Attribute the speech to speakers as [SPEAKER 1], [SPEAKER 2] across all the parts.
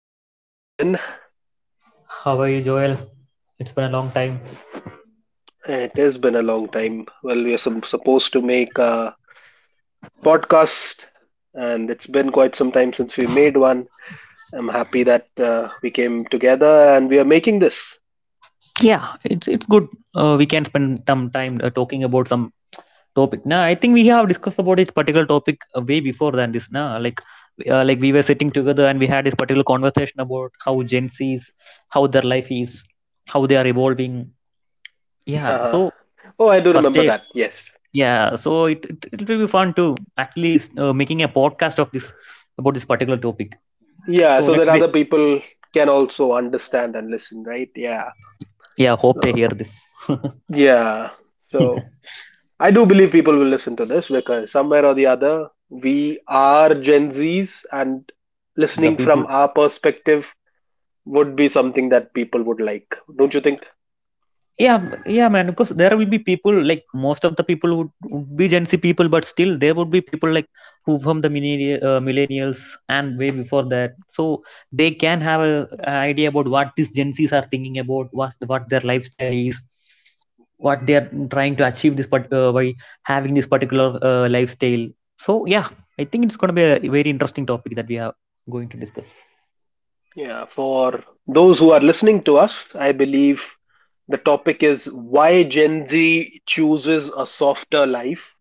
[SPEAKER 1] Adarsh. How have you been?
[SPEAKER 2] How are you, Joel? It's been a long time.
[SPEAKER 1] It has been a long time. Well, we are supposed to make a podcast, and it's been quite some time since we made one. I'm happy that we came together and we are making this.
[SPEAKER 2] yeah it's good. We can spend some time talking about some topic now. I think we have discussed about this particular topic way before than this now. Like like we were sitting together and we had this particular conversation about how gen z's, how their life is, how they are evolving. yeah so
[SPEAKER 1] Haha. Oh, I do
[SPEAKER 2] First
[SPEAKER 1] remember
[SPEAKER 2] day.
[SPEAKER 1] that. Yes.
[SPEAKER 2] Yeah so it will be fun to actually making a podcast of this, about this particular topic.
[SPEAKER 1] Yeah,
[SPEAKER 2] So
[SPEAKER 1] so that
[SPEAKER 2] let's be.
[SPEAKER 1] other people can also understand and listen, right? Yeah.
[SPEAKER 2] Yeah, hope they
[SPEAKER 1] So,
[SPEAKER 2] hear this.
[SPEAKER 1] yeah. So I do believe people will listen to this because somewhere or the other, we are Gen Zs and
[SPEAKER 2] The
[SPEAKER 1] listening
[SPEAKER 2] people.
[SPEAKER 1] from our perspective would be something that people would like. Don't you think?
[SPEAKER 2] Yeah, yeah, man. Because there will be people like most of the people would be Gen Z people, but still there would be people like who from the millennia, millennials and way before that. So they can have a idea about what these Gen Zs are thinking about, what their lifestyle is, what they are trying to achieve this part, by having this particular lifestyle. So yeah, I think it's gonna be a very interesting topic that we are going to discuss.
[SPEAKER 1] Yeah, for those who are listening to us, I believe the topic is why Gen Z chooses a softer life.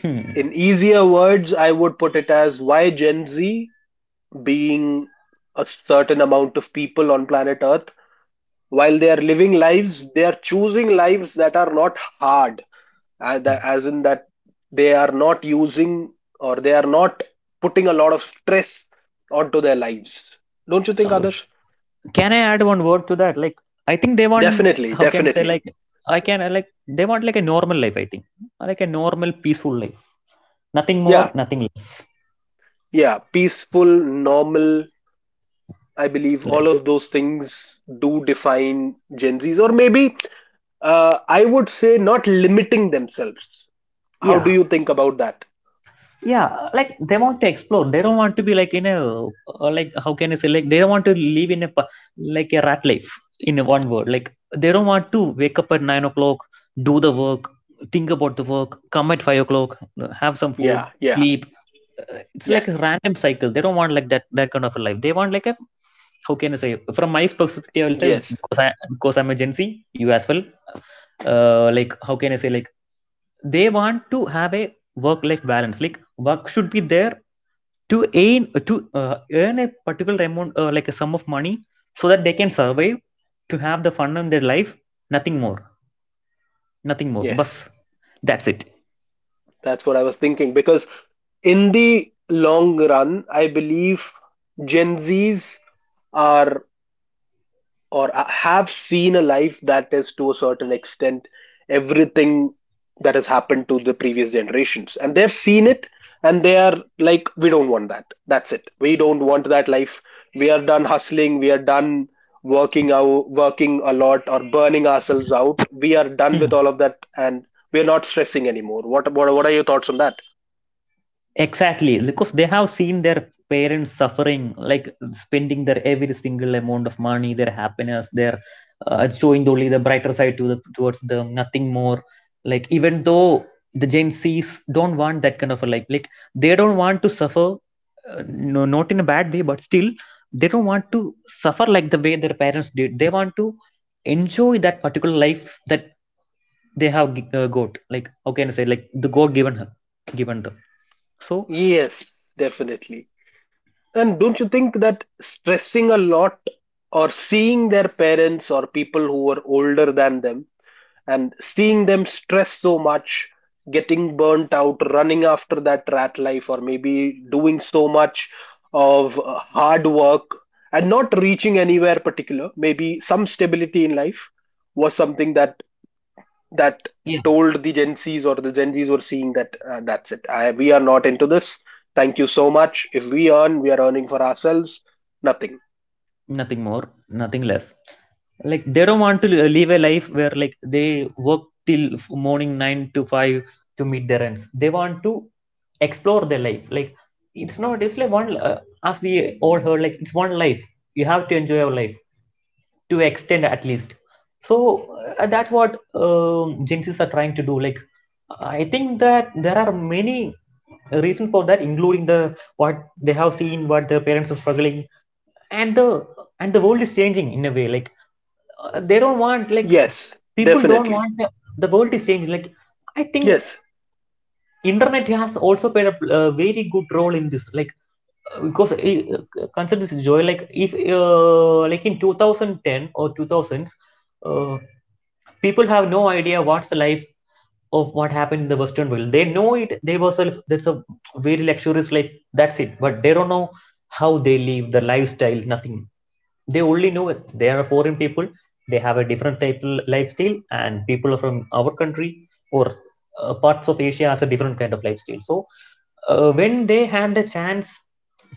[SPEAKER 2] Hmm.
[SPEAKER 1] In easier words, I would put it as why Gen Z, being a certain amount of people on planet Earth, while they are living lives, they are choosing lives that are not hard. As in that they are not using or they are not putting a lot of stress onto their lives. Don't you think others?
[SPEAKER 2] Can I add one word to that? Like I think they want,
[SPEAKER 1] Definitely,
[SPEAKER 2] how can I say?
[SPEAKER 1] definitely.
[SPEAKER 2] Like I can, like they want like a normal life, I think. Like a normal peaceful life, nothing more
[SPEAKER 1] Yeah,
[SPEAKER 2] nothing less.
[SPEAKER 1] yeah, peaceful, normal. I believe
[SPEAKER 2] Like
[SPEAKER 1] all of those things do define Gen Z's, or maybe, I would say, not limiting themselves. How do
[SPEAKER 2] yeah,
[SPEAKER 1] you think about that?
[SPEAKER 2] yeah, like they want to explore. They don't want to be like in a like how can I say? Like they don't want to live in a like a rat life, in one word. Like they don't want to wake up at 9 o'clock, do the work, think about the work, come at 5 o'clock, have some food,
[SPEAKER 1] Yeah, yeah.
[SPEAKER 2] sleep. It's like
[SPEAKER 1] Yes,
[SPEAKER 2] a random cycle. They don't want like that kind of a life. They want like a, how can I say? From my perspective, I will say,
[SPEAKER 1] yes,
[SPEAKER 2] because I because I'm a Gen Z, you as well. Like how can I say? Like they want to have a work life balance. Like work should be there to earn, to earn a particular amount, like a sum of money, so that they can survive, to have the fun in their life. Nothing more. Nothing more.
[SPEAKER 1] yes.
[SPEAKER 2] Bus. That's it.
[SPEAKER 1] That's what I was thinking because in the long run, I believe Gen Zs are or have seen a life that is to a certain extent everything that has happened to the previous generations, and they've seen it, and they are like, we don't want that. That's it, we don't want that life. We are done hustling, we are done working out, working a lot or burning ourselves out. We are done with all of that, and we are not stressing anymore. What are your thoughts on that?
[SPEAKER 2] Exactly, because they have seen their parents suffering, like spending their every single amount of money, their happiness, their showing only the brighter side to the, towards them, nothing more. Like even though the Gen Zs don't want that kind of a like they don't want to suffer, no, not in a bad way, but still they don't want to suffer like the way their parents did. They want to enjoy that particular life that they have got. Like how can I say? Like the God given her, given them. So
[SPEAKER 1] Yes, definitely. And don't you think that stressing a lot or seeing their parents or people who were older than them and seeing them stress so much, getting burnt out, running after that rat life, or maybe doing so much of hard work and not reaching anywhere particular, maybe some stability in life, was something that
[SPEAKER 2] yeah,
[SPEAKER 1] told the Gen Zs, or the Gen Zs were seeing that, that's it. I, we are not into this. Thank you so much. If we earn, we are earning for ourselves. Nothing.
[SPEAKER 2] nothing more nothing less. Like they don't want to live a life where like they work till morning 9 to 5 to meet their ends. They want to explore their life. Like it's not, it's like one as we all heard, like it's one life, you have to enjoy your life to extend at least. So that's what gen z's are trying to do. Like I think that there are many reasons for that, including the what they have seen, what their parents are struggling, and the, and the world is changing in a way. Like they don't want like
[SPEAKER 1] Yes,
[SPEAKER 2] people don't
[SPEAKER 1] definitely.
[SPEAKER 2] want the world is changing. Like I think
[SPEAKER 1] Yes,
[SPEAKER 2] internet has also played a, very good role in this. Like because consider this, Joy, like if like in 2010 or 2000s, uh, people have no idea what's the life of what happened in the western world. They know it, they were self, that's a very luxurious life, that's it, but they don't know how they live the lifestyle, nothing. They only know it. They are foreign people. They have a different type of lifestyle, and people from our country or parts of Asia has a different kind of lifestyle. So when they had the chance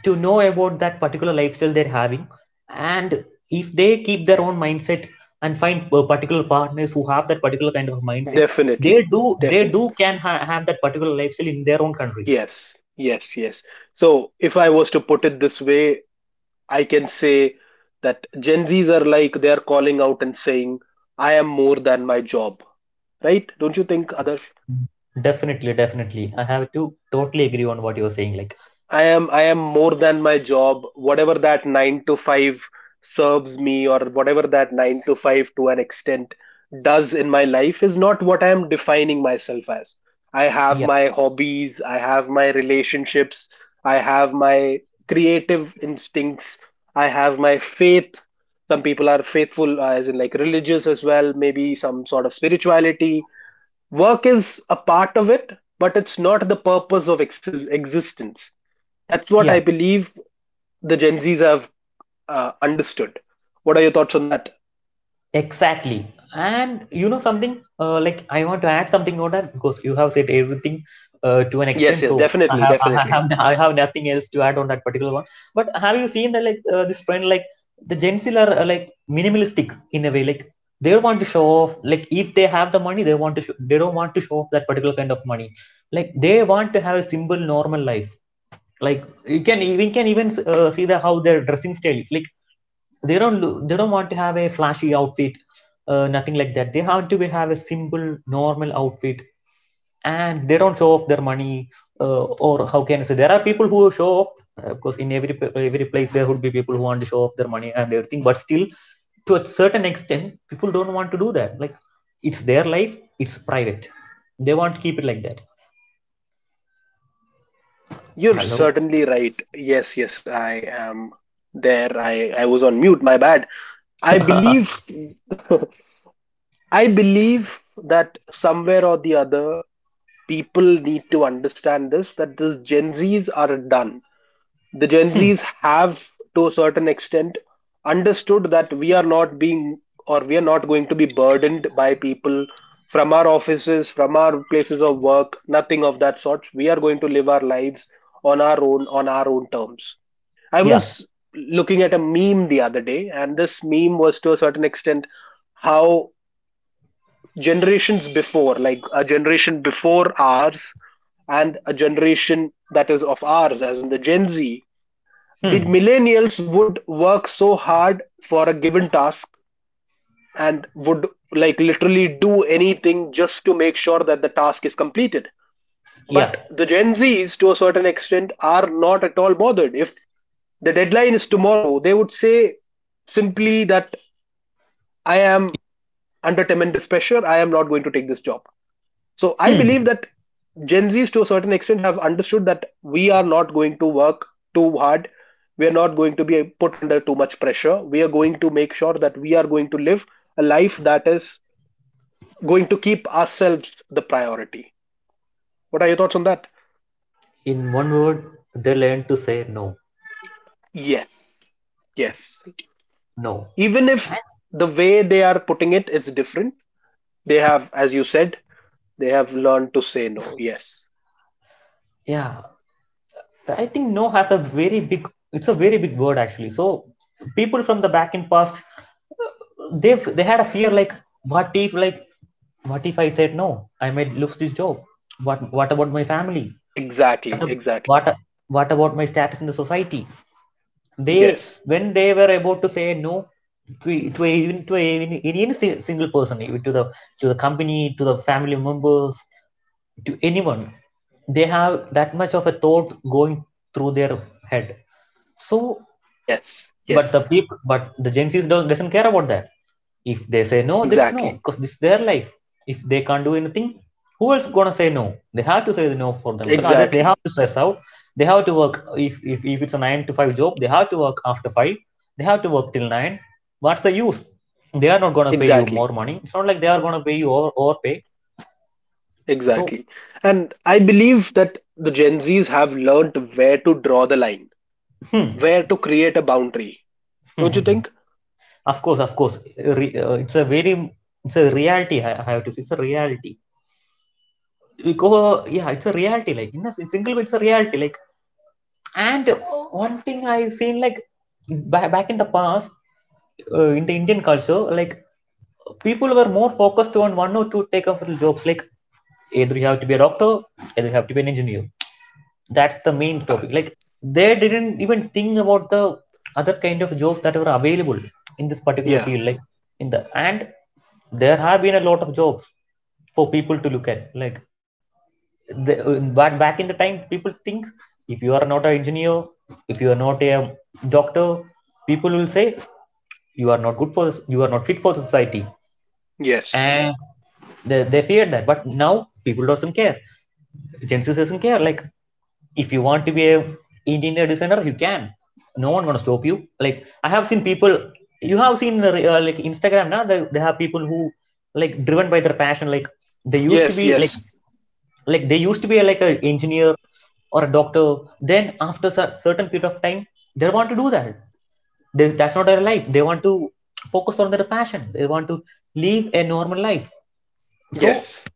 [SPEAKER 2] to know about that particular lifestyle they're having, and if they keep their own mindset and find particular partners who have that particular kind of mindset,
[SPEAKER 1] definitely.
[SPEAKER 2] they
[SPEAKER 1] Definite.
[SPEAKER 2] do can have that particular lifestyle in their own country.
[SPEAKER 1] Yes, yes, yes. So if I was to put it this way, I can say that Gen Zs are like they are calling out and saying, I am more than my job. Right? Don't you think, Adarsh?
[SPEAKER 2] Definitely, definitely. I have to totally agree on what you're saying. Like,
[SPEAKER 1] I am more than my job. Whatever that nine to five serves me, or whatever that nine to five to an extent does in my life, is not what I am defining myself as. I have
[SPEAKER 2] yeah,
[SPEAKER 1] my hobbies, I have my relationships, I have my creative instincts, I have my faith. Some people are faithful, as in like religious as well, maybe some sort of spirituality. Work is a part of it, but it's not the purpose of existence. That's what
[SPEAKER 2] yeah.
[SPEAKER 1] I believe the Gen Zs have understood. What are your thoughts on that?
[SPEAKER 2] Exactly. And you know something, like I want to add something on that, because you have said everything to an
[SPEAKER 1] Yes,
[SPEAKER 2] extent.
[SPEAKER 1] yes,
[SPEAKER 2] So
[SPEAKER 1] definitely, definitely.
[SPEAKER 2] I have nothing else to add on that particular one. But have you seen that like this trend, like the Gen Z are like minimalistic in a way, like they want to show off. Like if they have the money, they want to show, they don't want to show off that particular kind of money. Like they want to have a simple, normal life. Like you can we can even see the how their dressing style is. Like they don't want to have a flashy outfit, nothing like that. They have to be, have a simple normal outfit, and they don't show off their money, or how can I say, there are people who show off, of course in every every place there would be people who want to show off their money and everything, but still to a certain extent people don't want to do that. Like it's their life, it's private, they want to keep it like that.
[SPEAKER 1] You're
[SPEAKER 2] Hello.
[SPEAKER 1] certainly right. Yes, yes, I am there. I was on mute, my bad. I believe, I believe that somewhere or the other people need to understand this, that these Gen Zs are done. The Gen
[SPEAKER 2] Hmm.
[SPEAKER 1] Zs have, to a certain extent, understood that we are not being or we are not going to be burdened by people from our offices, from our places of work, nothing of that sort. We are going to live our lives on our own terms. I
[SPEAKER 2] Yeah.
[SPEAKER 1] was looking at a meme the other day, and this meme was to a certain extent how generations before, like a generation before ours, and a generation that is of ours, as in the Gen Z, the
[SPEAKER 2] Hmm.
[SPEAKER 1] millennials, would work so hard for a given task and would like literally do anything just to make sure that the task is completed.
[SPEAKER 2] Yeah.
[SPEAKER 1] But the Gen Z's, to a certain extent, are not at all bothered. If the deadline is tomorrow, they would say simply that I am under tremendous pressure, I am not going to take this job. So I
[SPEAKER 2] Hmm.
[SPEAKER 1] believe that Gen Zs to a certain extent have understood that we are not going to work too hard. We are not going to be put under too much pressure. We are going to make sure that we are going to live a life that is going to keep ourselves the priority. What are your thoughts on that?
[SPEAKER 2] In one word, they learn to say no.
[SPEAKER 1] Yes, yes.
[SPEAKER 2] No.
[SPEAKER 1] Even if
[SPEAKER 2] And
[SPEAKER 1] the way they are putting it is different, they have, as you said, they have learned to say no. Yes,
[SPEAKER 2] yeah, I think no has a very big, it's a very big word actually. So people from the back in past, they had a fear like, what if I said no? I might lose this job. What about my family? What
[SPEAKER 1] exactly,
[SPEAKER 2] ab-
[SPEAKER 1] exactly.
[SPEAKER 2] what what about my status in the society? They,
[SPEAKER 1] Yes,
[SPEAKER 2] when they were about to say no to, to a, even to even, any single person, even to the, to the company, to the family member, to anyone, they have that much of a thought going through their head. So
[SPEAKER 1] yes,
[SPEAKER 2] but
[SPEAKER 1] yes,
[SPEAKER 2] the people but the gen z's don't doesn't care about that. If they say no, that's no,
[SPEAKER 1] exactly,
[SPEAKER 2] because this is their life. If they can't do anything, who else gonna say no? They have to say no for themselves. Others, they
[SPEAKER 1] exactly.
[SPEAKER 2] have to stress out, they have to work. If, if it's a nine to five job, they have to work after five, they have to work till nine. What's the use? They are not gonna pay you more
[SPEAKER 1] Exactly,
[SPEAKER 2] money. It's not like they are gonna pay you over, overpay. So
[SPEAKER 1] exactly. And I believe that the Gen Zs have learned where to draw the line,
[SPEAKER 2] hmm.
[SPEAKER 1] where to create a boundary. Don't you think?
[SPEAKER 2] Of course, of course. It's a very, it's a reality. I have to say, it's a reality. Because yeah, it's a reality. Like in a single way, it's a reality. Like, and one thing I've seen, like back in the past, in the Indian culture, like people were more focused on one or two takeoff jobs. Like either you have to be a doctor, either you have to be an engineer. That's the main
[SPEAKER 1] Yeah,
[SPEAKER 2] topic. Like they didn't even think about the other kind of jobs that were available in this particular
[SPEAKER 1] yeah,
[SPEAKER 2] field. Like in the, and there have been a lot of jobs for people to look at. Like the, but back in the time people think, if you are not an engineer, if you are not a doctor, people will say you are not good for this, you are not fit for society.
[SPEAKER 1] yes,
[SPEAKER 2] And they feared that, but now people doesn't care, gen z doesn't care. Like if you want to be a engineer designer, you can. No one gonna stop you. Like I have seen people, you have seen the like Instagram now, they have people who like driven by their passion. Like they used to
[SPEAKER 1] yes,
[SPEAKER 2] be
[SPEAKER 1] yes,
[SPEAKER 2] like they used to be like a engineer or a doctor. Then after a certain period of time they want to do that, that's not their life, they want to focus on their passion, they want to live a normal life. So
[SPEAKER 1] yes,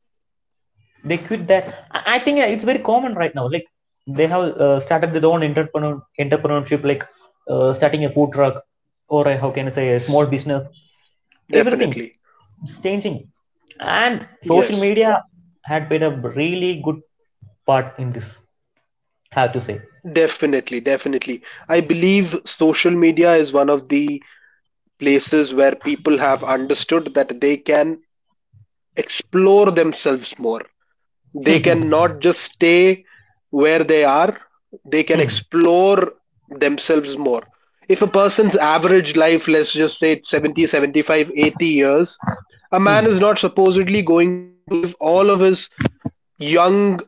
[SPEAKER 2] they quit that. I think yeah, it's very common right now. Like they have started their own entrepreneurship. Like starting a food truck or a, how can I say, a small
[SPEAKER 1] yes,
[SPEAKER 2] business. Everything
[SPEAKER 1] definitely,
[SPEAKER 2] is changing, and social
[SPEAKER 1] yes,
[SPEAKER 2] media had played a really good part in this, have to say.
[SPEAKER 1] definitely, definitely. I believe social media is one of the places where people have understood that they can explore themselves more. They
[SPEAKER 2] Hmm,
[SPEAKER 1] can not just stay where they are, they can
[SPEAKER 2] hmm,
[SPEAKER 1] explore themselves more. If a person's average life, let's just say it's 70 75, 80 years, a man is
[SPEAKER 2] hmm.
[SPEAKER 1] not supposedly going to live all of his young,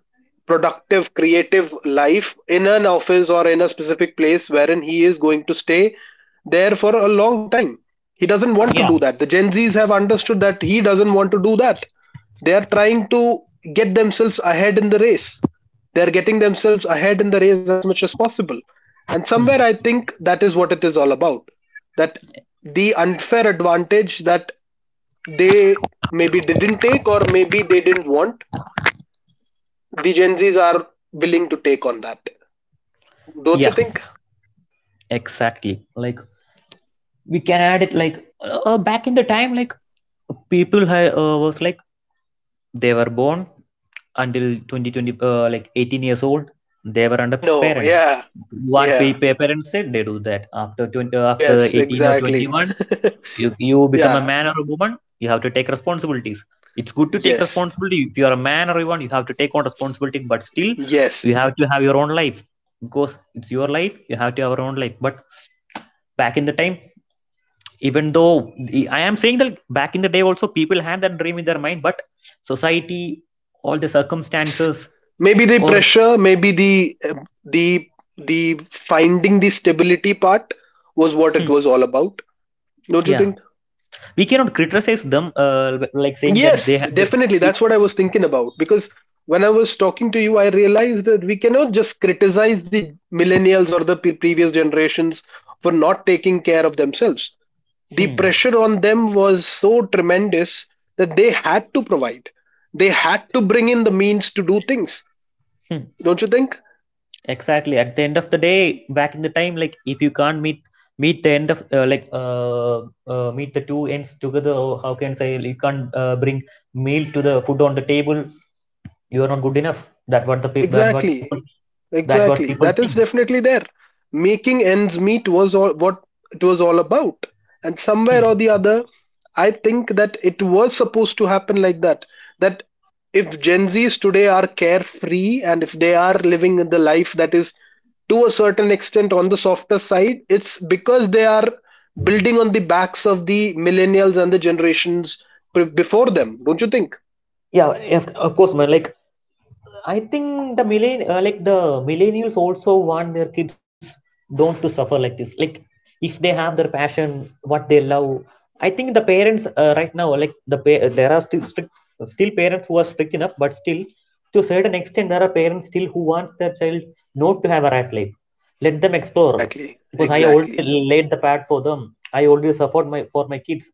[SPEAKER 1] productive, creative life in an office or in a specific place wherein he is going to stay there for a long time. He doesn't want to
[SPEAKER 2] Yeah.
[SPEAKER 1] do that. The Gen Zs have understood that he doesn't want to do that. They are trying to get themselves ahead in the race. They are getting themselves ahead in the race as much as possible. And
[SPEAKER 2] Hmm.
[SPEAKER 1] somewhere I think that is what it is all about. That the unfair advantage that they maybe didn't take, or maybe they didn't want, the Gen Zs are willing to take on that. Don't you
[SPEAKER 2] yeah
[SPEAKER 1] think?
[SPEAKER 2] exactly like we can add it like back in the time, like people was like they were born until 2020, like 18 years old, they were under
[SPEAKER 1] I know.
[SPEAKER 2] parents.
[SPEAKER 1] Yeah.
[SPEAKER 2] What
[SPEAKER 1] Yeah.
[SPEAKER 2] parents said, they do that. After 20, after
[SPEAKER 1] Yes,
[SPEAKER 2] 18 or
[SPEAKER 1] exactly.
[SPEAKER 2] 21, you become a
[SPEAKER 1] Yeah.
[SPEAKER 2] man or a woman, you have to take responsibilities. It's good to take
[SPEAKER 1] Yes.
[SPEAKER 2] responsibility. If you are a man or a woman, you have to take on responsibility, but still
[SPEAKER 1] Yes.
[SPEAKER 2] you have to have your own life, because it's your life, you have to have your own life. But back in the time, even though I am saying that back in the day also people had that dream in their mind, but society, all the
[SPEAKER 1] Yes.
[SPEAKER 2] circumstances,
[SPEAKER 1] Maybe the
[SPEAKER 2] or
[SPEAKER 1] pressure, maybe the the finding the stability part was what it
[SPEAKER 2] hmm,
[SPEAKER 1] was all about. Don't you
[SPEAKER 2] yeah,
[SPEAKER 1] think?
[SPEAKER 2] we cannot criticize them, like saying that they
[SPEAKER 1] Yes,
[SPEAKER 2] had they,
[SPEAKER 1] definitely.
[SPEAKER 2] we,
[SPEAKER 1] That's what I was thinking about. Because when I was talking to you, I realized that we cannot just criticize the millennials or the previous generations for not taking care of themselves. The
[SPEAKER 2] hmm,
[SPEAKER 1] pressure on them was so tremendous that they had to provide, they had to bring in the means to do things.
[SPEAKER 2] hmm,
[SPEAKER 1] Don't you think?
[SPEAKER 2] exactly, at the end of the day, back in the time, like, if you can't meet the end of like meet the two ends together, or how can I say, you can't bring meal to the food on the table, you are not good enough. That what the people that what
[SPEAKER 1] Exactly.
[SPEAKER 2] people that what
[SPEAKER 1] Exactly.
[SPEAKER 2] people
[SPEAKER 1] That is
[SPEAKER 2] think.
[SPEAKER 1] definitely there. Making ends meet was all what it was all about. And somewhere or the other, I think that it was supposed to happen like that. That if Gen Zs today are carefree, and if they are living the life that is to a certain extent on the softer side, it's because they are building on the backs of the millennials and the generations before them. Don't you think?
[SPEAKER 2] Yeah, of course, man. Like, I think the like the millennials also want their kids don't to suffer like this. Like if they have their passion, what they love, I think the parents right now, like the there are still strict, still parents who are strict enough, but still to a certain extent there are parents still who wants their child not to have a rat life. Let them explore,
[SPEAKER 1] Exactly.
[SPEAKER 2] because I
[SPEAKER 1] Exactly.
[SPEAKER 2] already laid the path for them. I already suffered my for my kids,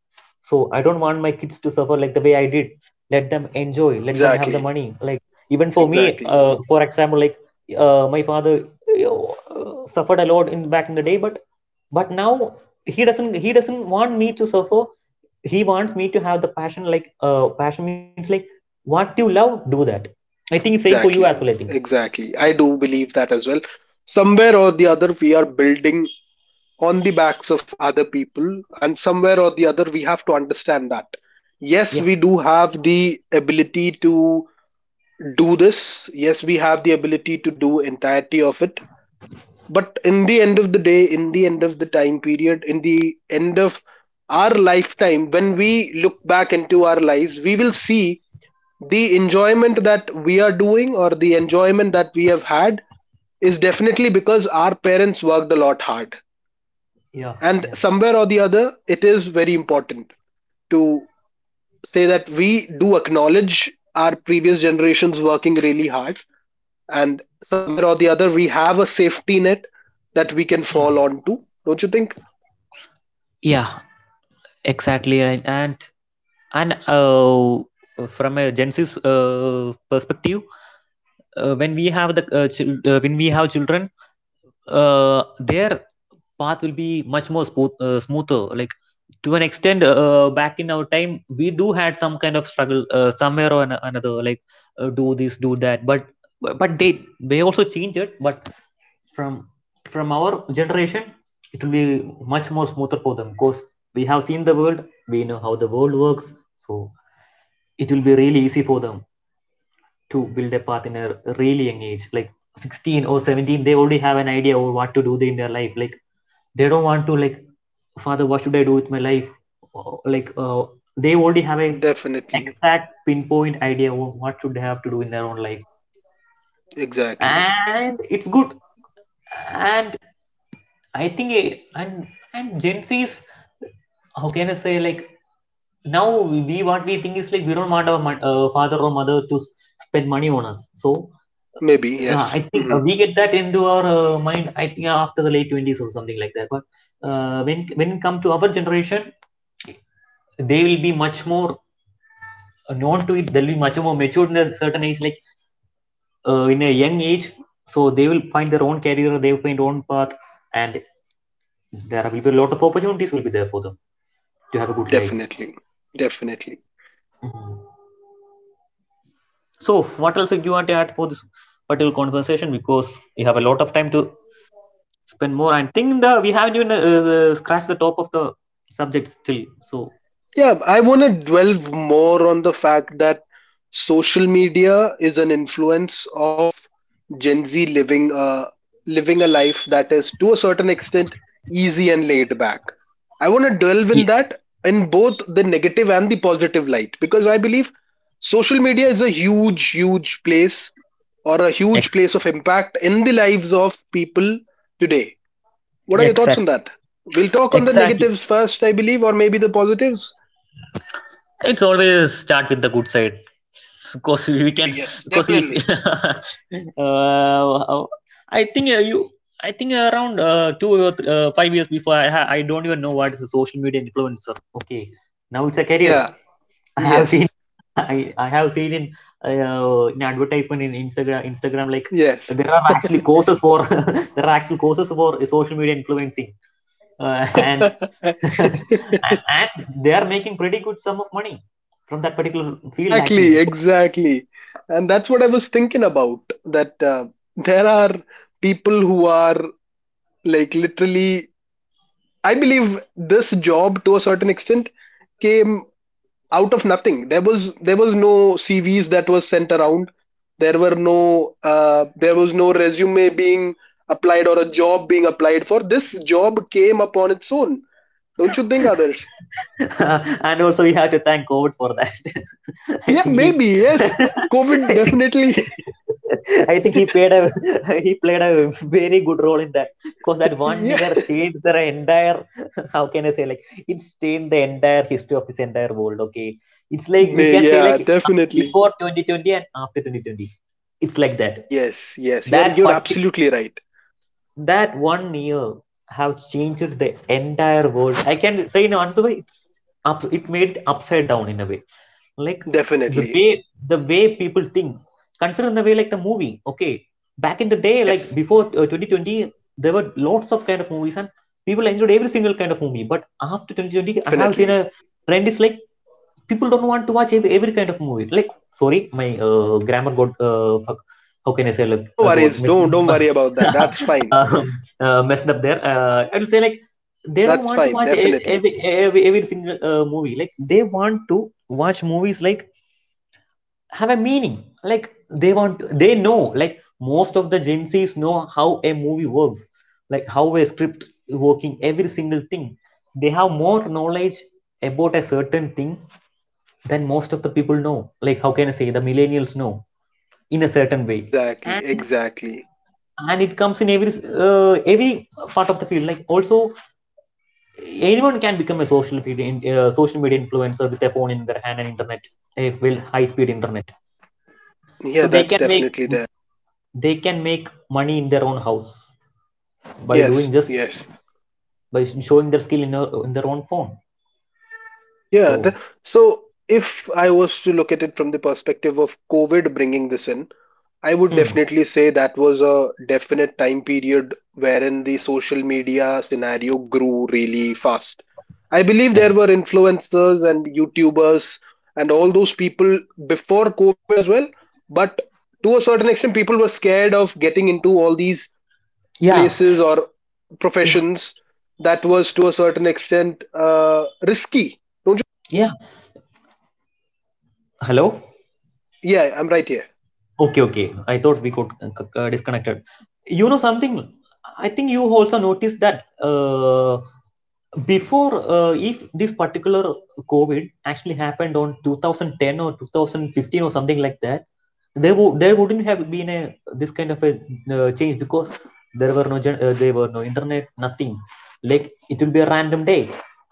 [SPEAKER 2] so I don't want my kids to suffer like the way I did. Let them enjoy. Let them have the
[SPEAKER 1] Exactly.
[SPEAKER 2] money. Like, even for me,
[SPEAKER 1] Exactly.
[SPEAKER 2] for example, like my father suffered a lot in back in the day, but now he doesn't want me to suffer, he wants me to have the passion, like passion means like what you love, do that. I think it's same for you as well, I
[SPEAKER 1] Exactly,
[SPEAKER 2] think.
[SPEAKER 1] exactly. I do believe that as well. Somewhere or the other, we are building on the backs of other people, and somewhere or the other, we have to understand that. Yes,
[SPEAKER 2] yeah
[SPEAKER 1] we do have the ability to do this. Yes, we have the ability to do entirety of it, but in the end of the day, in the end of the time period, in the end of our lifetime, when we look back into our lives, we will see the enjoyment that we are doing or the enjoyment that we have had is definitely because our parents worked a lot hard.
[SPEAKER 2] yeah
[SPEAKER 1] And
[SPEAKER 2] yes
[SPEAKER 1] somewhere or the other, it is very important to say that we do acknowledge our previous generations working really hard, and somewhere or the other, we have a safety net that we can fall onto. Don't you think?
[SPEAKER 2] Yeah, exactly, right. And and uh, from a Gen Z's perspective, when we have the when we have children, their path will be much more smooth, smoother. Like, to an extent, back in our time, we do had some kind of struggle somewhere or another. Like, do this, do that. But but they also change it. But from from our generation, it will be much more smoother for them, because we have seen the world. We know how the world works. So it will be really easy for them to build a path in a really young age, like 16 or 17, they already have an idea of what to do in their life. Like they don't want to, like, father, what should I do with my life? Like they already have a
[SPEAKER 1] Definitely,
[SPEAKER 2] exact pinpoint idea of what should they have to do in their own life.
[SPEAKER 1] exactly,
[SPEAKER 2] And it's good. And I think and Gen Z's, how can I say, like now we, what we think is like we don't want our father or mother to spend money on us. So
[SPEAKER 1] maybe,
[SPEAKER 2] I
[SPEAKER 1] yes,
[SPEAKER 2] think
[SPEAKER 1] hmm,
[SPEAKER 2] we get that into our mind. I think after the late twenties or something like that. But when it comes to our generation, they will be much more known to it. They'll be much more matured in a certain age, like in a young age. So they will find their own career. They will find their own path, and there will be a lot of opportunities will be there for them to have a good life.
[SPEAKER 1] definitely, definitely.
[SPEAKER 2] Mhm. So what else do you want to add for this particular conversation? Because we have a lot of time to spend more. And think the we haven't even scratched the top of the subject still. So,
[SPEAKER 1] Yeah, I want to dwell more on the fact that social media is an influence of Gen Z living a life that is to a certain extent easy and laid back. I want to delve
[SPEAKER 2] Yeah,
[SPEAKER 1] in that in both the negative and the positive light, because I believe social media is a huge, huge place or a huge
[SPEAKER 2] ex-
[SPEAKER 1] place of impact in the lives of people today. What are your thoughts on
[SPEAKER 2] exact,
[SPEAKER 1] that? We'll talk on the
[SPEAKER 2] exactly.
[SPEAKER 1] negatives first, I believe, or maybe the positives.
[SPEAKER 2] It's always start with the good side, because we
[SPEAKER 1] Maybe,
[SPEAKER 2] can,
[SPEAKER 1] yes,
[SPEAKER 2] because if
[SPEAKER 1] definitely.
[SPEAKER 2] uh, I think you I think around 5 years before, I don't even know what is a social media influencer. Okay, now it's a career.
[SPEAKER 1] Yeah,
[SPEAKER 2] I have seen
[SPEAKER 1] yes,
[SPEAKER 2] I have seen in advertisement in Instagram, like
[SPEAKER 1] yes.
[SPEAKER 2] there are actually courses for there are actual courses for social media influencing, and and they are making pretty good sum of money from that particular field,
[SPEAKER 1] Exactly,
[SPEAKER 2] actually.
[SPEAKER 1] exactly. And that's what I was thinking about, that there are people who are like literally, I believe this job to a certain extent came out of nothing. There was no CVs that was sent around. There were no there was no resume being applied, or a job being applied for. This job came upon its own. Don't you think, Adarsh?
[SPEAKER 2] And also we have to thank COVID for that. I
[SPEAKER 1] Yeah,
[SPEAKER 2] think he,
[SPEAKER 1] maybe. Yes. COVID
[SPEAKER 2] I think,
[SPEAKER 1] definitely.
[SPEAKER 2] I think he played a he played a very good role in that, because that one
[SPEAKER 1] Yeah.
[SPEAKER 2] year changed the entire. How can I say, like it's changed the entire history of this entire world. Okay, it's like we
[SPEAKER 1] May,
[SPEAKER 2] can say
[SPEAKER 1] yeah,
[SPEAKER 2] like
[SPEAKER 1] definitely.
[SPEAKER 2] before 2020 and after 2020, it's like that.
[SPEAKER 1] Yes, yes.
[SPEAKER 2] That
[SPEAKER 1] You're
[SPEAKER 2] partic
[SPEAKER 1] absolutely right.
[SPEAKER 2] That one year have changed the entire world. I can say in another way, it's it made upside down in a way. Like the
[SPEAKER 1] Definitely.
[SPEAKER 2] way the way people think. Consider in the way, like the movie. Okay, back in the day, like
[SPEAKER 1] Yes,
[SPEAKER 2] before 2020, there were lots of kind of movies, and people enjoyed every single kind of movie. But after 2020, I have seen
[SPEAKER 1] definitely.
[SPEAKER 2] a trend is like people don't want to watch every kind of movie. Like, sorry, my grammar got how can I say,
[SPEAKER 1] No,
[SPEAKER 2] like
[SPEAKER 1] no
[SPEAKER 2] got
[SPEAKER 1] worries. Don't worry about that. That's fine.
[SPEAKER 2] um, messed up there. I'll say, like they don't
[SPEAKER 1] That's
[SPEAKER 2] want to
[SPEAKER 1] fine.
[SPEAKER 2] watch
[SPEAKER 1] Definitely.
[SPEAKER 2] every single movie. Like they want to watch movies like have a meaning. Like they want, they know, like most of the Gen Z's know how a movie works, like how a script is working, every single thing. They have more knowledge about a certain thing than most of the people know, like how can I say, the millennials know in a certain way.
[SPEAKER 1] Exactly.
[SPEAKER 2] and,
[SPEAKER 1] Exactly.
[SPEAKER 2] and it comes in every uh, every part of the field, like also anyone can become a social media social media influencer with a phone in their hand and internet, a well high speed internet. So
[SPEAKER 1] Yeah,
[SPEAKER 2] they
[SPEAKER 1] that's
[SPEAKER 2] can make,
[SPEAKER 1] definitely there.
[SPEAKER 2] they can make money in their own house by
[SPEAKER 1] Yes,
[SPEAKER 2] doing just
[SPEAKER 1] yes.
[SPEAKER 2] by showing their skill in their own phone.
[SPEAKER 1] Yeah.
[SPEAKER 2] So,
[SPEAKER 1] So if I was to look at it from the perspective of COVID bringing this in, I would
[SPEAKER 2] hmm,
[SPEAKER 1] definitely say that was a definite time period wherein the social media scenario grew really fast. I believe there were
[SPEAKER 2] next,
[SPEAKER 1] influencers and YouTubers and all those people before COVID as well, but to a certain extent, people were scared of getting into all these
[SPEAKER 2] yeah,
[SPEAKER 1] places or
[SPEAKER 2] yeah,
[SPEAKER 1] professions that was to a certain extent risky. Don't
[SPEAKER 2] yeah, hello.
[SPEAKER 1] you? Yeah, I'm right here.
[SPEAKER 2] Okay, okay. I thought we got disconnected. You know something? I think you also noticed that before, if this particular COVID actually happened on 2010 or 2015 or something like that, there wouldn't have been a this kind of a change, because there were no there were no internet, nothing. Like it will be a random day.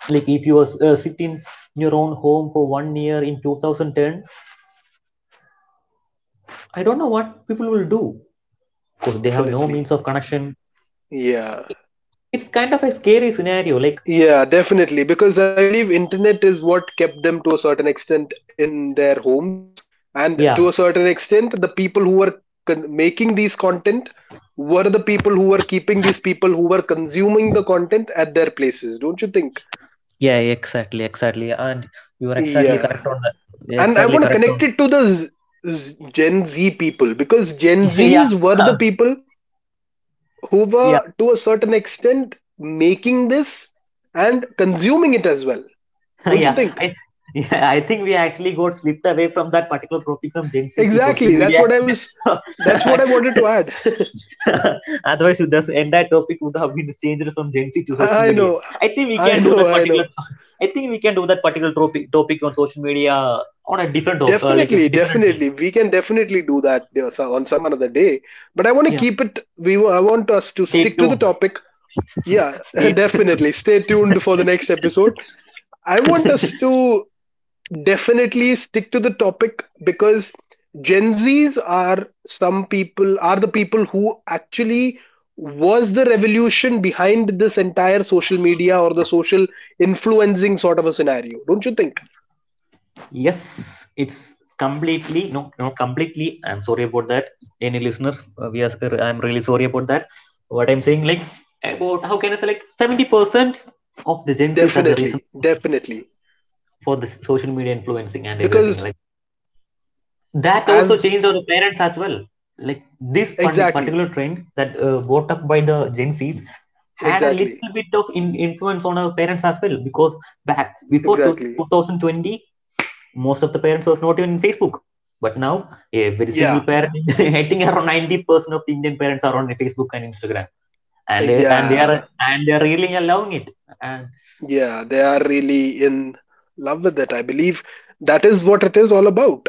[SPEAKER 2] Like if you was sitting in your own home for one year in 2010, I don't know what people will do, course they have no means
[SPEAKER 1] Definitely.
[SPEAKER 2] of connection.
[SPEAKER 1] Yeah.
[SPEAKER 2] It's kind of a scary scenario, like,
[SPEAKER 1] Yeah, definitely. Because I believe internet is what kept them to a certain extent in their homes. And to
[SPEAKER 2] yeah,
[SPEAKER 1] a certain extent, the people who were making these content were the people who were keeping these people who were consuming the content at their places, don't you think?
[SPEAKER 2] yeah, exactly, exactly, and you are exactly
[SPEAKER 1] Yeah.
[SPEAKER 2] correct on that. Yeah,
[SPEAKER 1] And I
[SPEAKER 2] exactly
[SPEAKER 1] want to
[SPEAKER 2] correct on
[SPEAKER 1] connect it to the Gen Z people, because Gen
[SPEAKER 2] yeah
[SPEAKER 1] Zs were the people who
[SPEAKER 2] yeah
[SPEAKER 1] were to a certain extent making this and consuming it as well, don't you
[SPEAKER 2] yeah
[SPEAKER 1] think?
[SPEAKER 2] I, yeah, I think we actually got slipped away from that particular topic from Gen Z to social
[SPEAKER 1] Exactly. That's
[SPEAKER 2] media.
[SPEAKER 1] what I was. That's what I wanted to add.
[SPEAKER 2] Otherwise this entire topic would have been changed from Gen Z to social
[SPEAKER 1] I
[SPEAKER 2] media.
[SPEAKER 1] know.
[SPEAKER 2] I think we
[SPEAKER 1] I
[SPEAKER 2] can do
[SPEAKER 1] know.
[SPEAKER 2] that
[SPEAKER 1] I
[SPEAKER 2] particular
[SPEAKER 1] know.
[SPEAKER 2] I think we can do that particular topic on social media on a different like a
[SPEAKER 1] Definitely.
[SPEAKER 2] different.
[SPEAKER 1] Definitely. We can definitely do that you know, on some another day. But I want to keep it. We. I want us to
[SPEAKER 2] Stay
[SPEAKER 1] stick to the
[SPEAKER 2] tuned.
[SPEAKER 1] topic. Yeah.
[SPEAKER 2] Stay tuned.
[SPEAKER 1] Definitely. Stay tuned for the next episode. I want us to definitely stick to the topic, because Gen Zs are some people are the people who actually was the revolution behind this entire social media or the social influencing sort of a scenario, don't you think?
[SPEAKER 2] Yes, it's completely, no, not completely. I'm sorry about that. Any listener, we are. I'm really sorry about that. What I'm saying, like, about how can I say, like 70% of the Gen Zs are the reason
[SPEAKER 1] Definitely, definitely,
[SPEAKER 2] for the social media influencing and everything.
[SPEAKER 1] because
[SPEAKER 2] Like that also
[SPEAKER 1] as
[SPEAKER 2] changed our parents as well, like this
[SPEAKER 1] exactly,
[SPEAKER 2] particular trend that brought up by the Gen Z's had a
[SPEAKER 1] exactly,
[SPEAKER 2] little bit of influence on our parents as well, because back before
[SPEAKER 1] exactly,
[SPEAKER 2] 2020 most of the parents was not even in Facebook, but now every single
[SPEAKER 1] yeah,
[SPEAKER 2] parent I think around 90% of the Indian parents are on Facebook and Instagram, and and they are,
[SPEAKER 1] yeah,
[SPEAKER 2] and they are really allowing it, and
[SPEAKER 1] yeah, they are really in love with it, I believe. That is what it is all about.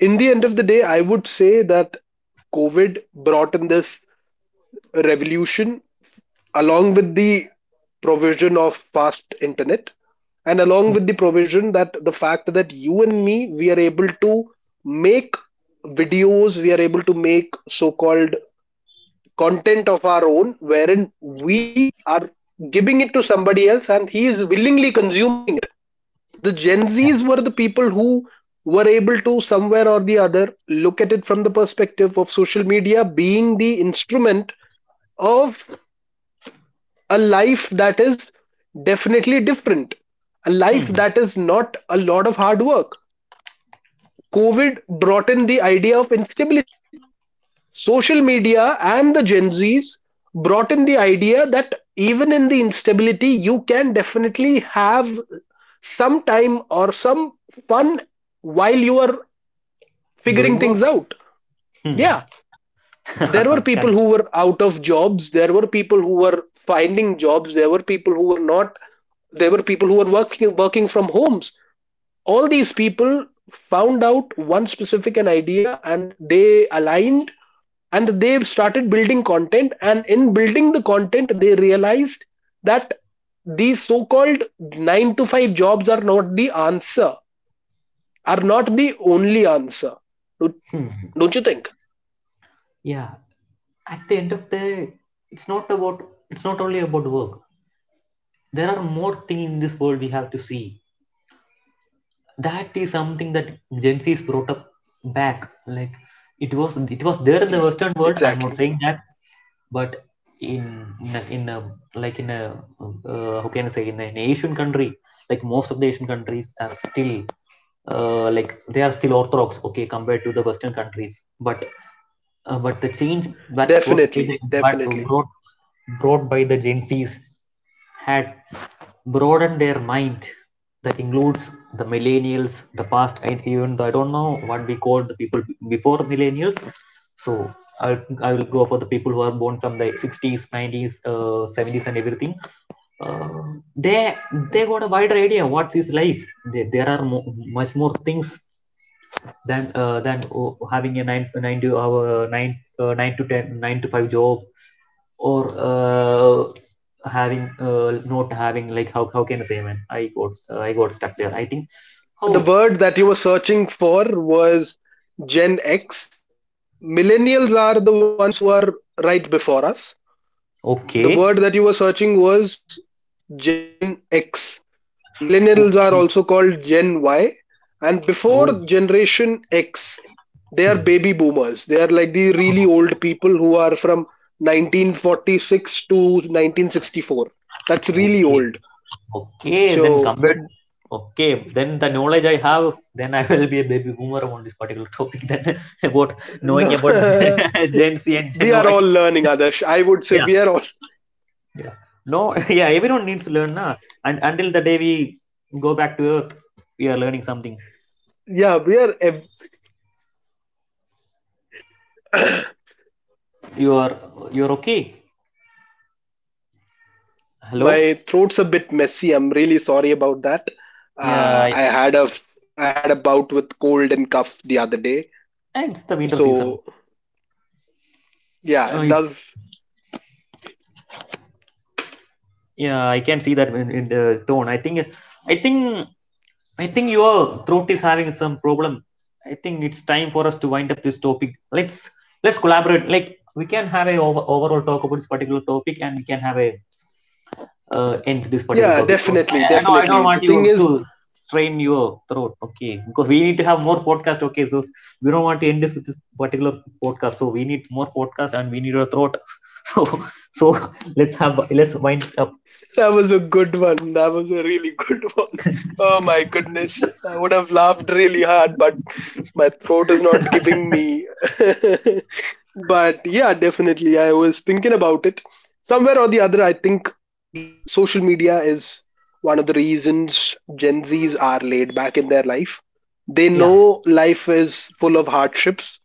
[SPEAKER 1] In the end of the day, I would say that COVID brought in this revolution along with the provision of fast internet, and along with the provision that the fact that you and me, we are able to make videos, we are able to make so called content of our own wherein we are giving it to somebody else and he is willingly consuming it. The Gen
[SPEAKER 2] yeah.
[SPEAKER 1] Zs were the people who were able to somewhere or the other look at it from the perspective of social media being the instrument of a life that is definitely different, a life
[SPEAKER 2] Hmm,
[SPEAKER 1] that is not a lot of hard work. COVID brought in the idea of instability. Social media and the Gen Zs brought in the idea that even in the instability, you can definitely have some time or some fun while you are figuring
[SPEAKER 2] doing work.
[SPEAKER 1] things out.
[SPEAKER 2] Hmm.
[SPEAKER 1] Yeah, there were people
[SPEAKER 2] Correct.
[SPEAKER 1] who were out of jobs, there were people who were finding jobs, there were people who were not, there were people who were working from homes. All these people found out one specific an idea and they aligned, and they started building content, and in building the content they realized that these so-called 9 to 5 jobs are not the answer, are not the only answer, don't
[SPEAKER 2] Hmm.
[SPEAKER 1] don't you think?
[SPEAKER 2] Yeah, at the end of the day, it's not about— it's not only about work. There are more things in this world we have to see. That is something that Gen Z is brought up back, like. It was— it was there in the
[SPEAKER 1] Exactly,
[SPEAKER 2] western world, I'm not
[SPEAKER 1] exactly.
[SPEAKER 2] saying that, but in— in a like in a— how can I say, in an Asian country, like most of the Asian countries are still— like they are still orthodox, okay, compared to the western countries. But but the change that brought by the
[SPEAKER 1] Definitely,
[SPEAKER 2] impact
[SPEAKER 1] definitely.
[SPEAKER 2] brought by the Gen Zs had broadened their mind. That includes the millennials, the past, and even the— I don't know what we call the people before millennials. So I I will go for the people who are born from the 60s, 90s, 70s, and everything. Uh, they they got a wider idea what is life. There are much more things than than— oh, having a nine to hour nine 9 to 10, 9 to five job, or uh, having— not having, like— how can I say, man, I got— I got stuck there, I think.
[SPEAKER 1] The
[SPEAKER 2] Oh.
[SPEAKER 1] word that you were searching for was Gen X. Millennials are the ones who are right before us. The
[SPEAKER 2] Okay.
[SPEAKER 1] word that you were searching was Gen X. Millennials are
[SPEAKER 2] Okay.
[SPEAKER 1] also called Gen Y. And
[SPEAKER 2] Oh.
[SPEAKER 1] before Generation X, they are
[SPEAKER 2] hmm,
[SPEAKER 1] baby boomers. They are like the really old people who are from 1946 to 1964. That's really
[SPEAKER 2] okay.
[SPEAKER 1] old.
[SPEAKER 2] Okay, then
[SPEAKER 1] So,
[SPEAKER 2] compared— okay, then the knowledge I have, then I will be a baby boomer on this particular topic then, about knowing about
[SPEAKER 1] no.
[SPEAKER 2] Gen Z and Gen
[SPEAKER 1] We are
[SPEAKER 2] Y.
[SPEAKER 1] all learning, Adarsh, I would say we are all
[SPEAKER 2] Yeah. No, yeah, everyone needs to learn, na? And until the day we go back to Earth, we are learning something.
[SPEAKER 1] yeah we are
[SPEAKER 2] You are, you're okay. Hello.
[SPEAKER 1] my throat's a bit messy, I'm really sorry about that.
[SPEAKER 2] Yeah, I—
[SPEAKER 1] I had a I had a bout with cold and cough the other day,
[SPEAKER 2] and it's the winter season.
[SPEAKER 1] so yeah
[SPEAKER 2] Uh,
[SPEAKER 1] it
[SPEAKER 2] it,
[SPEAKER 1] does.
[SPEAKER 2] yeah, I can see that in the tone. I think, I think your throat is having some problem. I think it's time for us to wind up this topic. Let's collaborate. Like, we can have a— over, overall talk about this particular topic, and we can have a— end this particular
[SPEAKER 1] Yeah,
[SPEAKER 2] topic, because
[SPEAKER 1] definitely,
[SPEAKER 2] I don't
[SPEAKER 1] definitely, the
[SPEAKER 2] want
[SPEAKER 1] thing
[SPEAKER 2] you
[SPEAKER 1] is
[SPEAKER 2] to strain your throat. Okay, because we need to have more podcast. Okay, so we don't want to end this with this particular podcast. So we need more podcast, and we need your throat. So— so let's have— let's wind up.
[SPEAKER 1] That was a good one. That was a really good one. Oh my goodness. I would have laughed really hard, but my throat is not giving me. But yeah, definitely. I was thinking about it. Somewhere or the other, I think the social media is one of the reasons Gen Zs are laid back in their life. They
[SPEAKER 2] yeah
[SPEAKER 1] know life is full of hardships,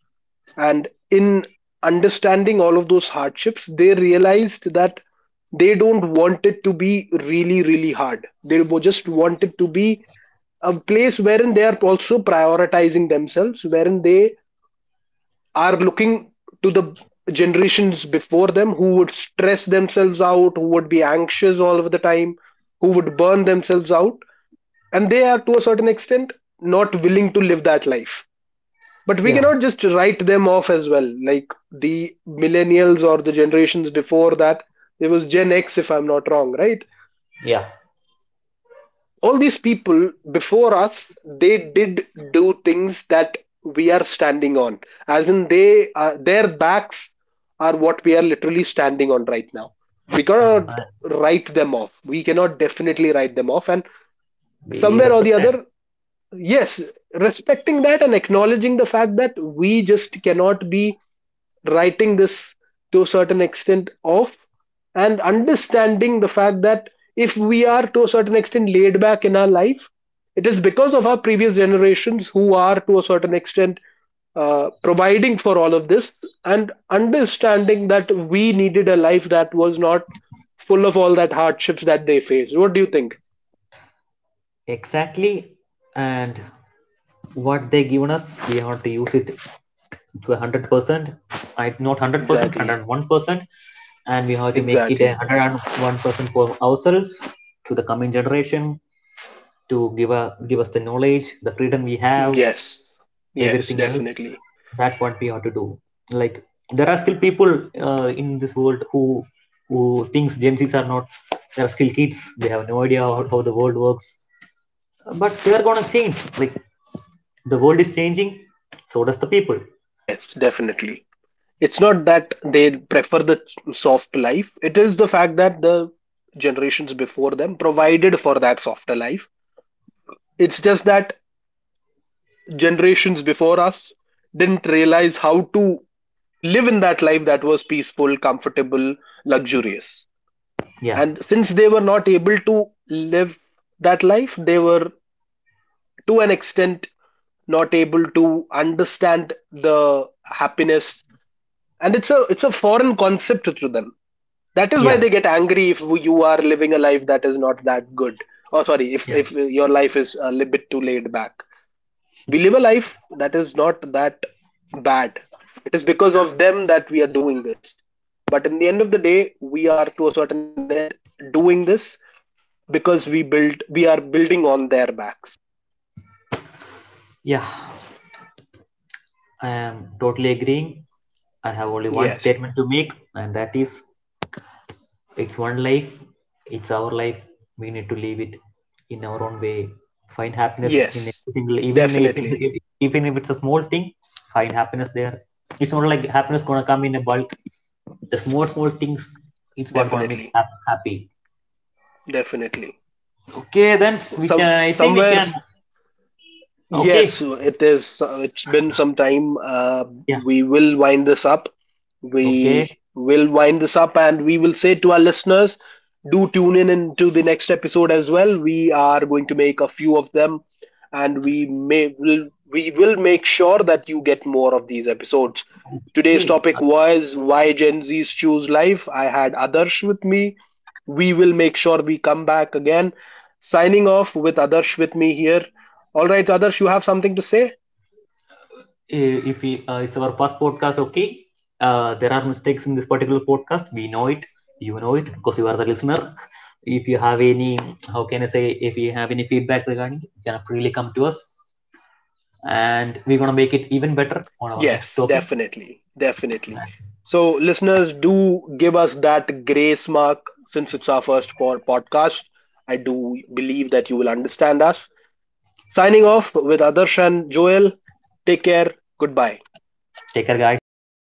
[SPEAKER 1] and in understanding all of those hardships they realized that they don't want it to be really really hard, they just want it to be a place wherein they are also prioritizing themselves, wherein they are looking to the generations before them who would stress themselves out, who would be anxious all of the time, who would burn themselves out, and they are to a certain extent not willing to live that life. But we
[SPEAKER 2] yeah
[SPEAKER 1] cannot just write them off as well, like the millennials or the generations before that. There was Gen X, if I'm not wrong, right?
[SPEAKER 2] yeah.
[SPEAKER 1] All these people before us, they did do things that we are standing on, as in they their backs are what we are literally standing on right now. We
[SPEAKER 2] Uh,
[SPEAKER 1] cannot
[SPEAKER 2] I-
[SPEAKER 1] write them off, we cannot definitely write them off, and
[SPEAKER 2] we
[SPEAKER 1] somewhere or the
[SPEAKER 2] respect—
[SPEAKER 1] other, yes, respecting that and acknowledging the fact that we just cannot be writing this to a certain extent off, and understanding the fact that if we are to a certain extent laid back in our life, it is because of our previous generations who are to a certain extent providing for all of this, and understanding that we needed a life that was not full of all that hardships that they faced. What do you think?
[SPEAKER 2] exactly. And what they given us, we have to use it to 100%. I, not 100%,
[SPEAKER 1] Exactly.
[SPEAKER 2] 101%, and we have to make it a
[SPEAKER 1] Exactly.
[SPEAKER 2] 101% for ourselves, to the coming generation, to give a— give us the knowledge, the freedom we have,
[SPEAKER 1] Yes, yes,
[SPEAKER 2] everything else.
[SPEAKER 1] definitely.
[SPEAKER 2] That's what we have to do. Like, there are still people in this world who— who thinks Gen Z's are not— they are still kids, they have no idea how the world works, but they're gonna change. Like, the world is changing, so does the people.
[SPEAKER 1] Yes, definitely. It's not that they prefer the soft life, it is the fact that the generations before them provided for that softer life. It's just that generations before us didn't realize how to live in that life that was peaceful, comfortable, luxurious.
[SPEAKER 2] yeah
[SPEAKER 1] And since they were not able to live that life, they were to an extent not able to understand the happiness, and it's a foreign concept to them. That is why
[SPEAKER 2] yeah
[SPEAKER 1] they get angry if you are living a life that is not that good. Oh, sorry, if
[SPEAKER 2] yeah
[SPEAKER 1] if your life is a little bit too laid back, we live a life that is not that bad, it is because of them that we are doing this. But in the end of the day, we are to a certain extent doing this because we are building on their backs.
[SPEAKER 2] yeah I am totally agreeing. I have only one
[SPEAKER 1] Yes.
[SPEAKER 2] statement to make, and that is— it's one life, it's our life, we need to live it in our own way. Find happiness in a
[SPEAKER 1] Yes,
[SPEAKER 2] single— even in a, if it's,
[SPEAKER 1] definitely,
[SPEAKER 2] if— even if it's a small thing, find happiness there. It's not like happiness gonna come in a bulk. The small small things, it's what gonna make you
[SPEAKER 1] definitely,
[SPEAKER 2] happy.
[SPEAKER 1] definitely.
[SPEAKER 2] Okay, then
[SPEAKER 1] So
[SPEAKER 2] we can.
[SPEAKER 1] some
[SPEAKER 2] I think we
[SPEAKER 1] somewhere
[SPEAKER 2] can.
[SPEAKER 1] Yes,
[SPEAKER 2] Okay.
[SPEAKER 1] it is. It's been some time.
[SPEAKER 2] Yeah.
[SPEAKER 1] We will wind this up.
[SPEAKER 2] Okay.
[SPEAKER 1] We will wind this up and we will say to our listeners, do tune in into the next episode as well. We are going to make a few of them, and we will make sure that you get more of these episodes. Today's
[SPEAKER 2] Okay.
[SPEAKER 1] topic was why Gen Zs choose life. I had Adarsh with me. We will make sure we come back again. Signing off with Adarsh with me here. All right, Adarsh, you have something to say?
[SPEAKER 2] If we, it's our first podcast, okay. There are mistakes in this particular podcast. We know it. You know it, because you are the listener. If you have any— how can I say? If you have any feedback regarding it, you can freely come to us, and we're gonna make it even better on our next
[SPEAKER 1] Yes,
[SPEAKER 2] topic.
[SPEAKER 1] definitely. Definitely. So, listeners, do give us that grace mark since it's our first for podcast. I do believe that you will understand us. Signing off with Adarsh and Joel. Take care. Goodbye.
[SPEAKER 2] Take care, guys. Bye.